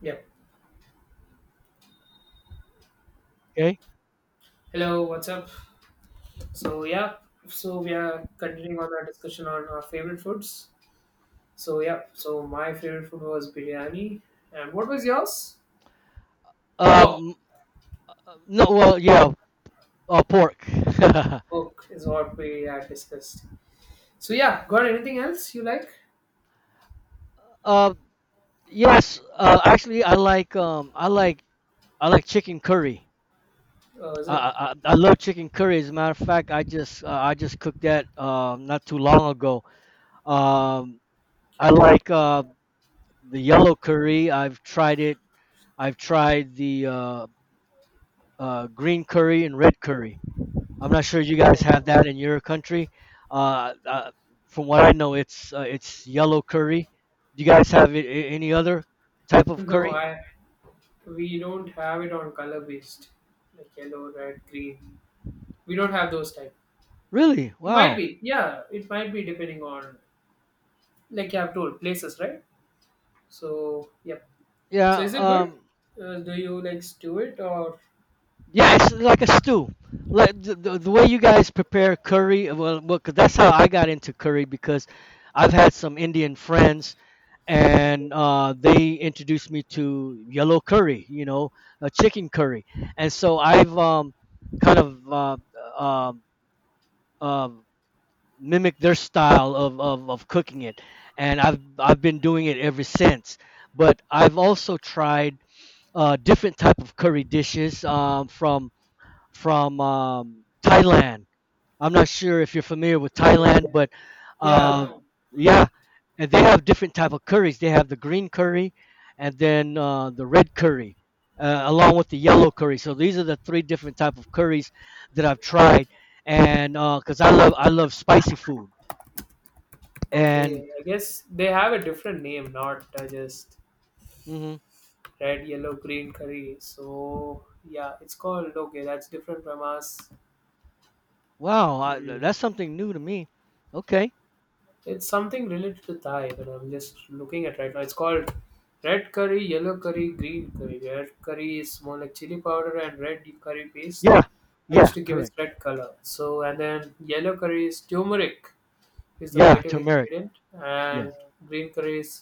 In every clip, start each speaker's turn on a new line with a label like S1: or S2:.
S1: Yep.
S2: Okay.
S1: Hello, what's up? So yeah, so we are continuing on our discussion on our favorite foods. So yeah, so my favorite food was biryani, and what was yours? Pork.
S2: Um, no, well, yeah, pork.
S1: Pork is what we had discussed. So yeah, got anything else you like?
S2: uh, yes, actually, I like I like chicken curry.
S1: Oh, is
S2: I,
S1: it?
S2: I I I love chicken curry. As a matter of fact, I just cooked that not too long ago. Um, I like the yellow curry. I've tried it. I've tried the green curry and red curry. I'm not sure you guys
S1: Oh,
S2: have that in your country. Uh, uh, from what I know, it's yellow curry. Do you guys have any other type of
S1: no,
S2: curry?
S1: I we don't have it on color based, like yellow, red, green. We don't have those type.
S2: Really?
S1: It might
S2: Wow.
S1: be, yeah, it might be depending on like you have told places, right? So yeah. So
S2: Yeah.
S1: is it good? Do you like stew it or
S2: Yeah, it's like a stew. Like the way you guys prepare curry. Well, 'cause that's how I got into curry because I've had some Indian friends and they introduced me to yellow curry. You know, a chicken curry, and so I've kind of uh, um um, mimic their style of cooking it, and I've been doing it ever since, but I've also tried different type of curry dishes from thailand. I'm not sure if you're familiar with
S1: okay?
S2: Thailand, but
S1: Yeah,
S2: uh, yeah, and they have different type of curries. They have the green curry, and then the red curry, along with the yellow curry. So these are the three different type of curries that I've tried, and because I love spicy food.
S1: okay.
S2: And
S1: I guess they have a different name, not just
S2: mhm.
S1: red, yellow, green curry. So yeah, it's called okay. That's different from us.
S2: Wow,
S1: Hmm.
S2: that's something new to me. Okay.
S1: It's something related to Thai, but I'm just looking at right now. It's called red curry, yellow curry, green curry. Red curry is more like chili powder and red curry paste.
S2: Yeah.
S1: I used
S2: Yeah.
S1: to give it
S2: Correct.
S1: red color. So and then yellow curry is turmeric. Is the
S2: Yeah.
S1: vital
S2: Turmeric.
S1: ingredient,
S2: Yes.
S1: and green curry is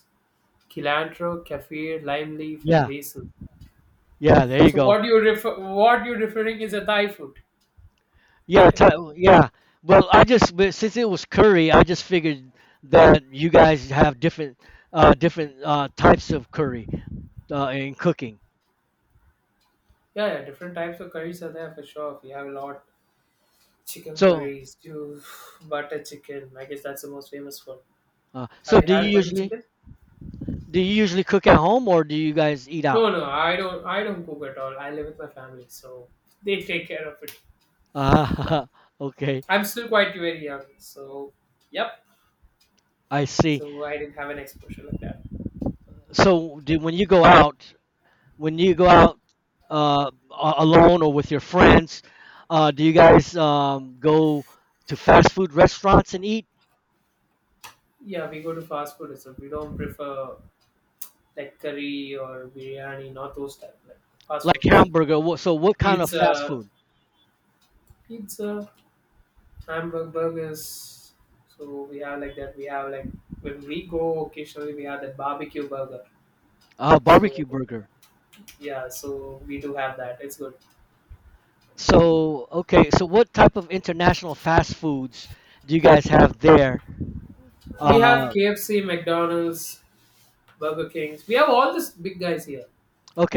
S1: cilantro, kaffir, lime leaf, and
S2: Yeah.
S1: basil.
S2: Yeah. There you
S1: So
S2: go.
S1: what you're referring is a Thai food.
S2: Yeah, t- yeah. Well, I just, but since it was curry, I just figured that you guys have different types of curry in cooking.
S1: Yeah, yeah, different types of curries are there for sure. We have a lot chicken
S2: So,
S1: curries, You butter chicken. I guess that's the most famous one. Have
S2: so
S1: you
S2: do you
S1: had butter
S2: usually
S1: chicken?
S2: cook at home or do you guys eat out?
S1: No, no, I don't cook at all. I live with my family, so they take care of it.
S2: Ah, okay.
S1: I'm still quite very young, so yep.
S2: I see.
S1: So I didn't have an exposure like that.
S2: When you go out, when you go
S1: Mhm.
S2: out alone or with your friends, do you guys go to fast food restaurants and eat
S1: Yeah, we go to fast food itself. We don't prefer like curry or biryani, not those type like fast
S2: like
S1: foods.
S2: hamburger? So, what kind of fast
S1: Pizza,
S2: food?
S1: pizza, hamburger, burgers. So we have like that. We have like when we go occasionally, we have that barbecue burger. So
S2: Barbecue burger.
S1: yeah, so we do have that. It's good.
S2: So, okay, so what type of international fast foods do you guys have there?
S1: We have
S2: Uh,
S1: KFC, McDonald's, Burger Kings. We have all these big guys here.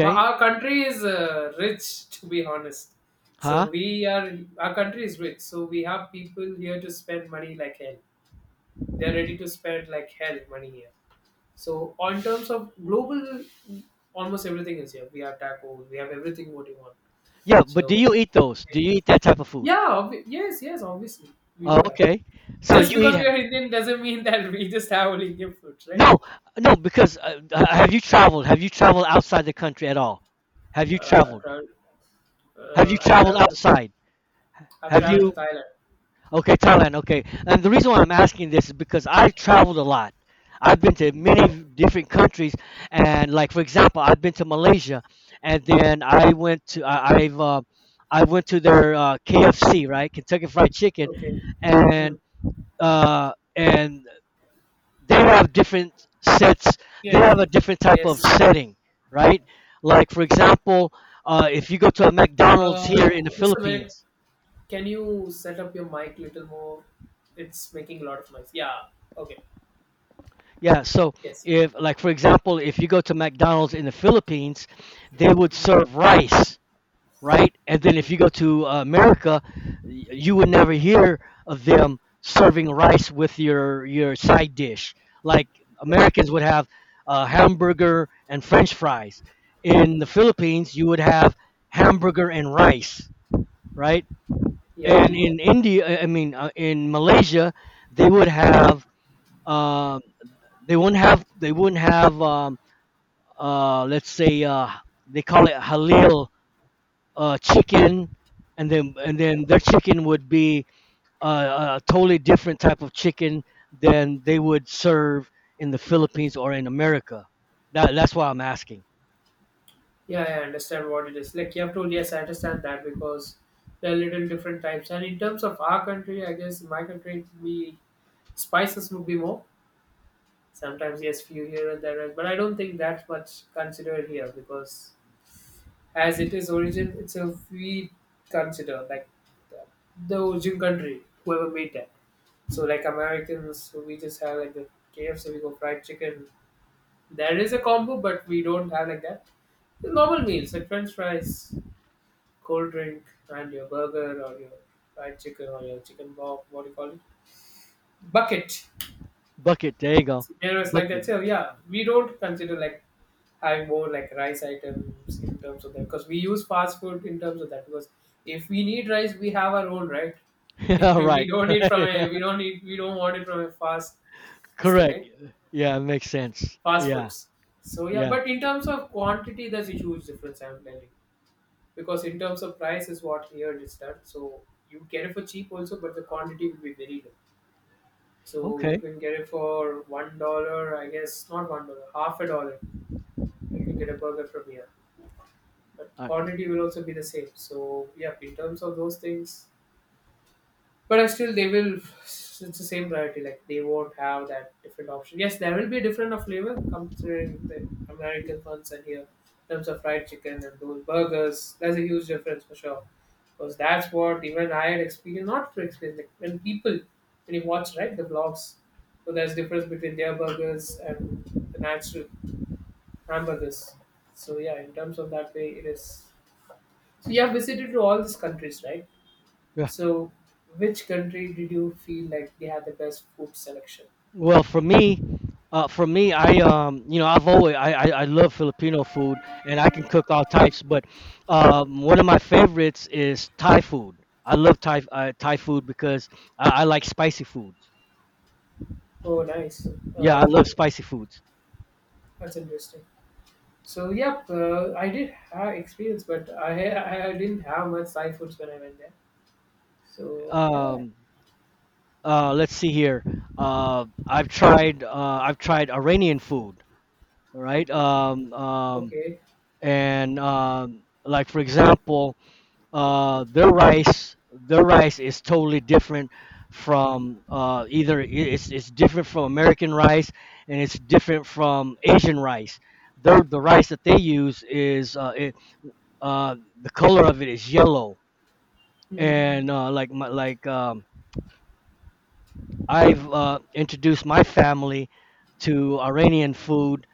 S1: But our country is rich, to be honest. So
S2: huh?
S1: we are our country is rich. So we have people here to spend money like hell. They are ready to spend like hell money here. So on terms of global, almost everything is here. We have tacos. We have everything what you want.
S2: Yeah, but do
S1: So
S2: you eat those? Do you eat that type of food?
S1: yeah, yes, yes, obviously we
S2: Oh,
S1: do have.
S2: okay. So
S1: Just
S2: you eat.
S1: because we are Indian doesn't mean that we just have only Indian foods, right?
S2: No, no, because have you traveled? Have you traveled outside the country at all? Have you
S1: I
S2: traveled?
S1: traveled.
S2: Have you
S1: I
S2: traveled
S1: traveled.
S2: outside?
S1: I've
S2: Have
S1: traveled
S2: you?
S1: to Thailand.
S2: Okay, Thailand. Okay, and the reason why I'm asking this is because I've traveled a lot. I've been to many
S1: Oh,
S2: different countries, and like for example, I've been to Malaysia, and then I went to their KFC, right, Kentucky Fried Chicken,
S1: okay. Hmm.
S2: and and they have different sets. They
S1: Yes,
S2: have a different type of
S1: yes.
S2: setting, right? Like for example, if you go to a McDonald's
S1: Uh,
S2: here in the
S1: just a minute.
S2: Philippines.
S1: Can you set up your mic little more? It's making a lot of noise. Yeah. Okay.
S2: Yeah, so
S1: Yes.
S2: if, like, for example, if you go to McDonald's in the Philippines, they would
S1: Mhm.
S2: serve rice, right? And then if you go to America, you would never hear of them serving rice with your side dish. Like
S1: Yeah.
S2: Americans would have hamburger and French fries. In the Philippines, you would have hamburger and rice, right?
S1: Yeah.
S2: And in India, I mean, in Malaysia, they would have um, they won't have let's say they call it halal chicken, and then their chicken would be a totally different type of chicken than they would serve in the Philippines or in America. That's why I'm asking.
S1: Yeah. I understand what it is. Like you have told. Yes, I understand that because there are little different types. And in terms of our country, I guess in my country we spices would be more. Sometimes yes, few here and there, but I don't think that's much considered here because as it is origin itself we consider like the, the origin country whoever made that so like americans so we just have like the kfc we go fried chicken there is a combo but we don't have like that the normal meals like french fries cold drink and your burger or your fried chicken or your chicken bob what do you call it bucket
S2: Bucket, there you go.
S1: there is like that
S2: Bucket.
S1: so yeah we don't consider like have more like rice items in terms of that because we use fast food in terms of that because if we need rice we have our own right.
S2: Yeah, right. Right.
S1: We don't want it from a fast this thing
S2: Correct.
S1: right,
S2: Yeah, it makes sense.
S1: fast
S2: Yeah,
S1: foods. So yeah,
S2: yeah.
S1: but in terms of quantity there's a huge difference I'm telling you, because in terms of price is what here it is done. So you get it for cheap also but the quantity will be very low, so you
S2: Okay.
S1: can get it for $1 not $1, half a dollar. You can get a burger from here but
S2: All
S1: quantity will also be the same. So yeah, in terms of those things, but I still they will. It's the same variety. Like they won't have that different option. Yes, there will be a different of flavor considering the American ones and here in terms of fried chicken and those burgers. There's a huge difference for sure because that's what even I had experienced. Not to experience like when people when you watch right the vlogs. So there's difference between their burgers and the natural hamburgers. So yeah, in terms of that way, it is so you have visited to all these countries, right?
S2: right.
S1: So which country did you feel like they had the best food selection?
S2: Well, for me, I you know, I love Filipino food, and I can cook all types. But one of my favorites is Thai food. I love Thai food because I like spicy foods.
S1: Oh, nice.
S2: Yeah, I
S1: Uh,
S2: love spicy foods.
S1: that's interesting. So yeah, I did have experience, but I didn't have much Thai foods when I went there. So yeah,
S2: Um, let's see here. Uh, I've tried uh, I've tried Iranian food, all right?
S1: okay.
S2: And like for example. Their rice is totally different from either it's different from American rice, and it's different from Asian rice. The rice that they use is the color of it is yellow,
S1: Hmm.
S2: and like my, like I've introduced my family to Iranian food,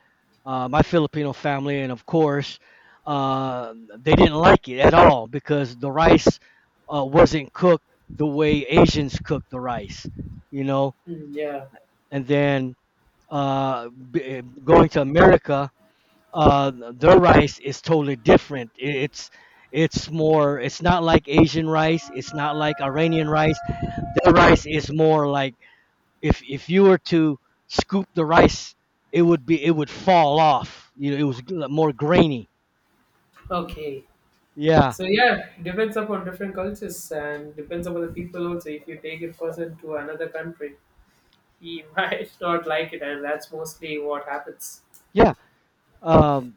S2: my Filipino family, and of course, they didn't like it at all because the rice wasn't cooked the way Asians cook the rice, you know.
S1: Hmm. yeah.
S2: And then going to America, their rice is totally different. It's more. It's not like Asian rice. It's not like Iranian rice. Their
S1: Hmm.
S2: rice is more like, if you were to scoop the rice, it would be it would fall off. You know, it was more grainy.
S1: Okay.
S2: Yeah,
S1: So yeah, depends upon different cultures and depends upon the people also. If you take a person to another country, he might not like it, and that's mostly what happens.
S2: yeah. Um,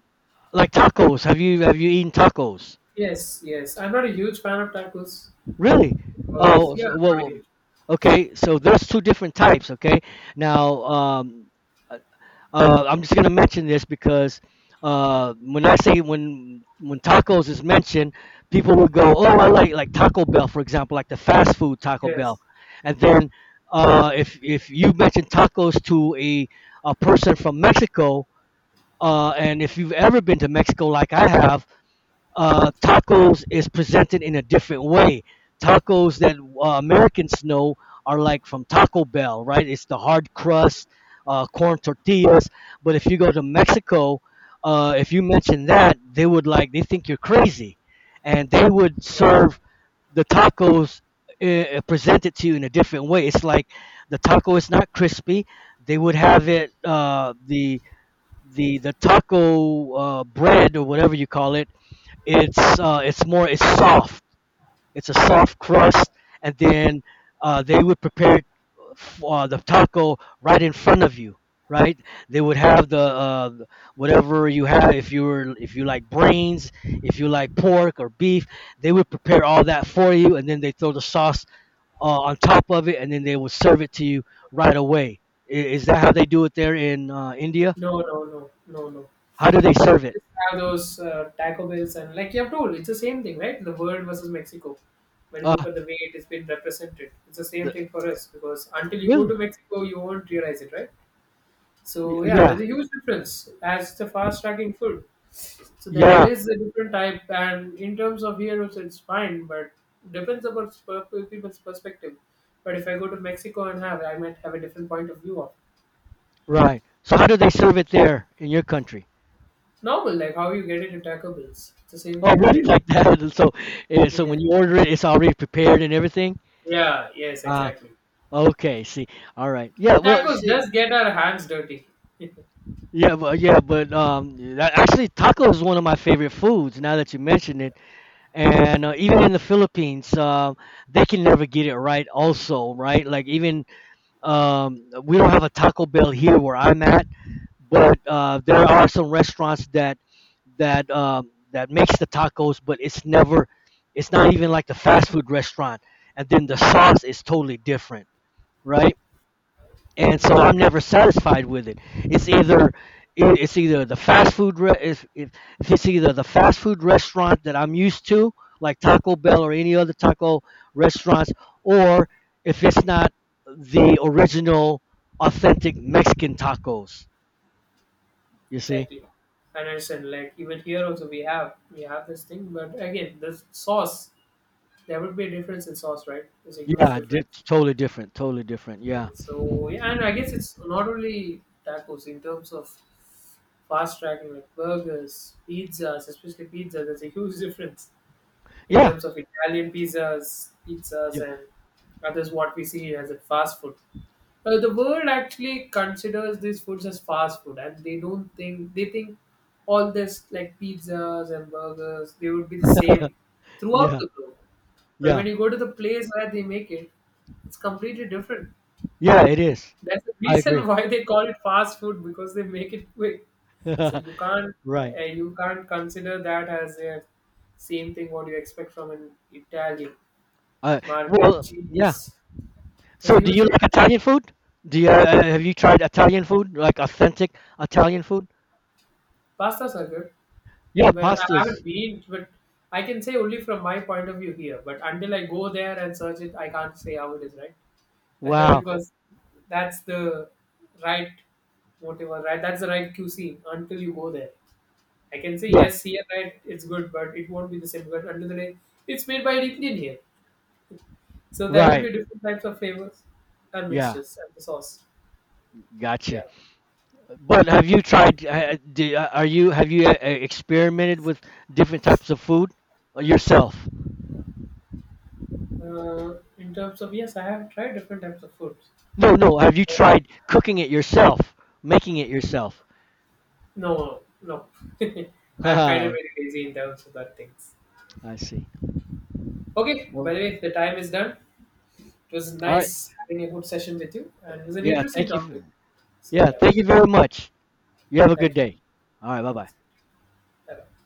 S2: like tacos. Have you eaten tacos?
S1: Yes, yes. I'm not a huge fan of tacos
S2: Really?
S1: because
S2: Oh,
S1: yeah,
S2: so,
S1: I'm
S2: well,
S1: not a
S2: well,
S1: huge.
S2: okay. So there's two different types. Okay. Now, uh, I'm just gonna mention this because when I say when tacos is mentioned, people will go, "Oh, I like Taco Bell, for example, like the fast food Taco Bell,"
S1: Yes.
S2: and then if you mention tacos to a person from Mexico. And if you've ever been to Mexico, like I have, tacos is presented in a different way. Tacos that Americans know are like from Taco Bell, right? It's the hard crust, corn tortillas. But if you go to Mexico, if you mention that, they would like, they think you're crazy. And they would serve the tacos presented to you in a different way. It's like the taco is not crispy. They would have it, the taco bread or whatever you call it, it's more it's soft. It's a soft crust, and then they would prepare the taco right in front of you. Right? They would have the whatever you have. If you were if you like brains, if you like pork or beef, they would prepare all that for you, and then they throw the sauce on top of it, and then they would serve it to you right away. Is that how they do it there in India?
S1: No, no, no, no, no.
S2: How do they
S1: We
S2: serve it?
S1: just have those Taco Bells and like you have told, it's the same thing, right? The world versus Mexico. When you look
S2: Uh,
S1: at the way it has been represented, it's the same
S2: the-
S1: thing for us because until you go to
S2: Really?
S1: Mexico, you won't realize it, right? So yeah,
S2: Yeah,
S1: there's a huge difference as the fast tracking food. So there
S2: yeah.
S1: is a different type, and in terms of heroes, it's fine, but depends upon people's perspective. But if I go to Mexico and have, I might have a different point of view of
S2: Right. So how do they serve it there in your country?
S1: It's normal, like how you get it in Taco Bills. It's the same
S2: Oh,
S1: thing you
S2: really?
S1: get it.
S2: Like that? And so, and so
S1: Yeah,
S2: when you order it, it's already prepared and everything.
S1: yeah, yes,
S2: Ah,
S1: exactly.
S2: okay. See, all right. Yeah.
S1: But
S2: Well,
S1: tacos does
S2: see,
S1: get our hands dirty.
S2: yeah, but that, actually, taco is one of my favorite foods. Now that you mention it, and even in the Philippines, they can never get it right. Also, right? Like even we don't have a Taco Bell here where I'm at, but there are some restaurants that that makes the tacos, but it's not even like the fast food restaurant. And then the sauce is totally different, right? And
S1: Hmm,
S2: so I'm never satisfied with it. It's either it's either the fast food re- if it's either the fast food restaurant that I'm used to, like Taco Bell or any other taco restaurants, or if it's not the original, authentic Mexican tacos. You see?
S1: exactly. And I understand. Like even here also, we have this thing, but again, the sauce there would be a difference in sauce, right? There's a huge
S2: Yeah,
S1: difference.
S2: totally different, totally different. Yeah,
S1: So yeah, and I guess it's not only tacos in terms of fast tracking like burgers, pizzas, especially pizza. There's a huge difference in
S2: yeah,
S1: terms of Italian pizzas, pizzas,
S2: yeah,
S1: and others what we see as a fast food. The world actually considers these foods as fast food, and they don't think they think all this like pizzas and burgers they would be the same throughout
S2: yeah,
S1: the globe. But when
S2: yeah,
S1: you go to the place where they make it, it's completely different.
S2: yeah. It is.
S1: That's the
S2: I
S1: reason
S2: agree.
S1: why they call it fast food because they make it quick. So
S2: Right.
S1: you can't consider that as a same thing what you expect from an Italian
S2: Uh,
S1: market.
S2: well, yeah.
S1: Cheese, there's
S2: So,
S1: a
S2: do
S1: huge
S2: you like
S1: difference.
S2: Italian food? Do you have you tried Italian food, like authentic Italian food?
S1: Pastas are good.
S2: Yeah,
S1: Well, I haven't
S2: pastas.
S1: been, but I can say only from my point of view here. But until I go there and search it, I can't say how it is, right?
S2: Wow.
S1: because that's the right motive or right. That's the right cuisine until you go there. I can say
S2: Yeah.
S1: yes here, right? It's good, but it won't be the same. But under the day, it's made by an Indian here, so there will be
S2: Right.
S1: different types of flavors and
S2: Yeah.
S1: mixtures and the sauce.
S2: Gotcha.
S1: Yeah.
S2: But have you tried? Do, are you Have you experimented with different types of food yourself?
S1: In terms of yes, I have tried different types of foods.
S2: No, no. Have you tried cooking it yourself? Making it yourself?
S1: No, no, no. I'm kind of
S2: I
S1: very lazy in terms of that things.
S2: see.
S1: Okay. By
S2: Well,
S1: the way, the time is done. It was
S2: all right.
S1: nice having a good session with you, and it was an
S2: Yeah,
S1: interesting
S2: thank you.
S1: topic. So
S2: Yeah,
S1: yeah,
S2: thank you very much. You have a good
S1: thank you.
S2: day. All right, bye-bye.
S1: Bye bye.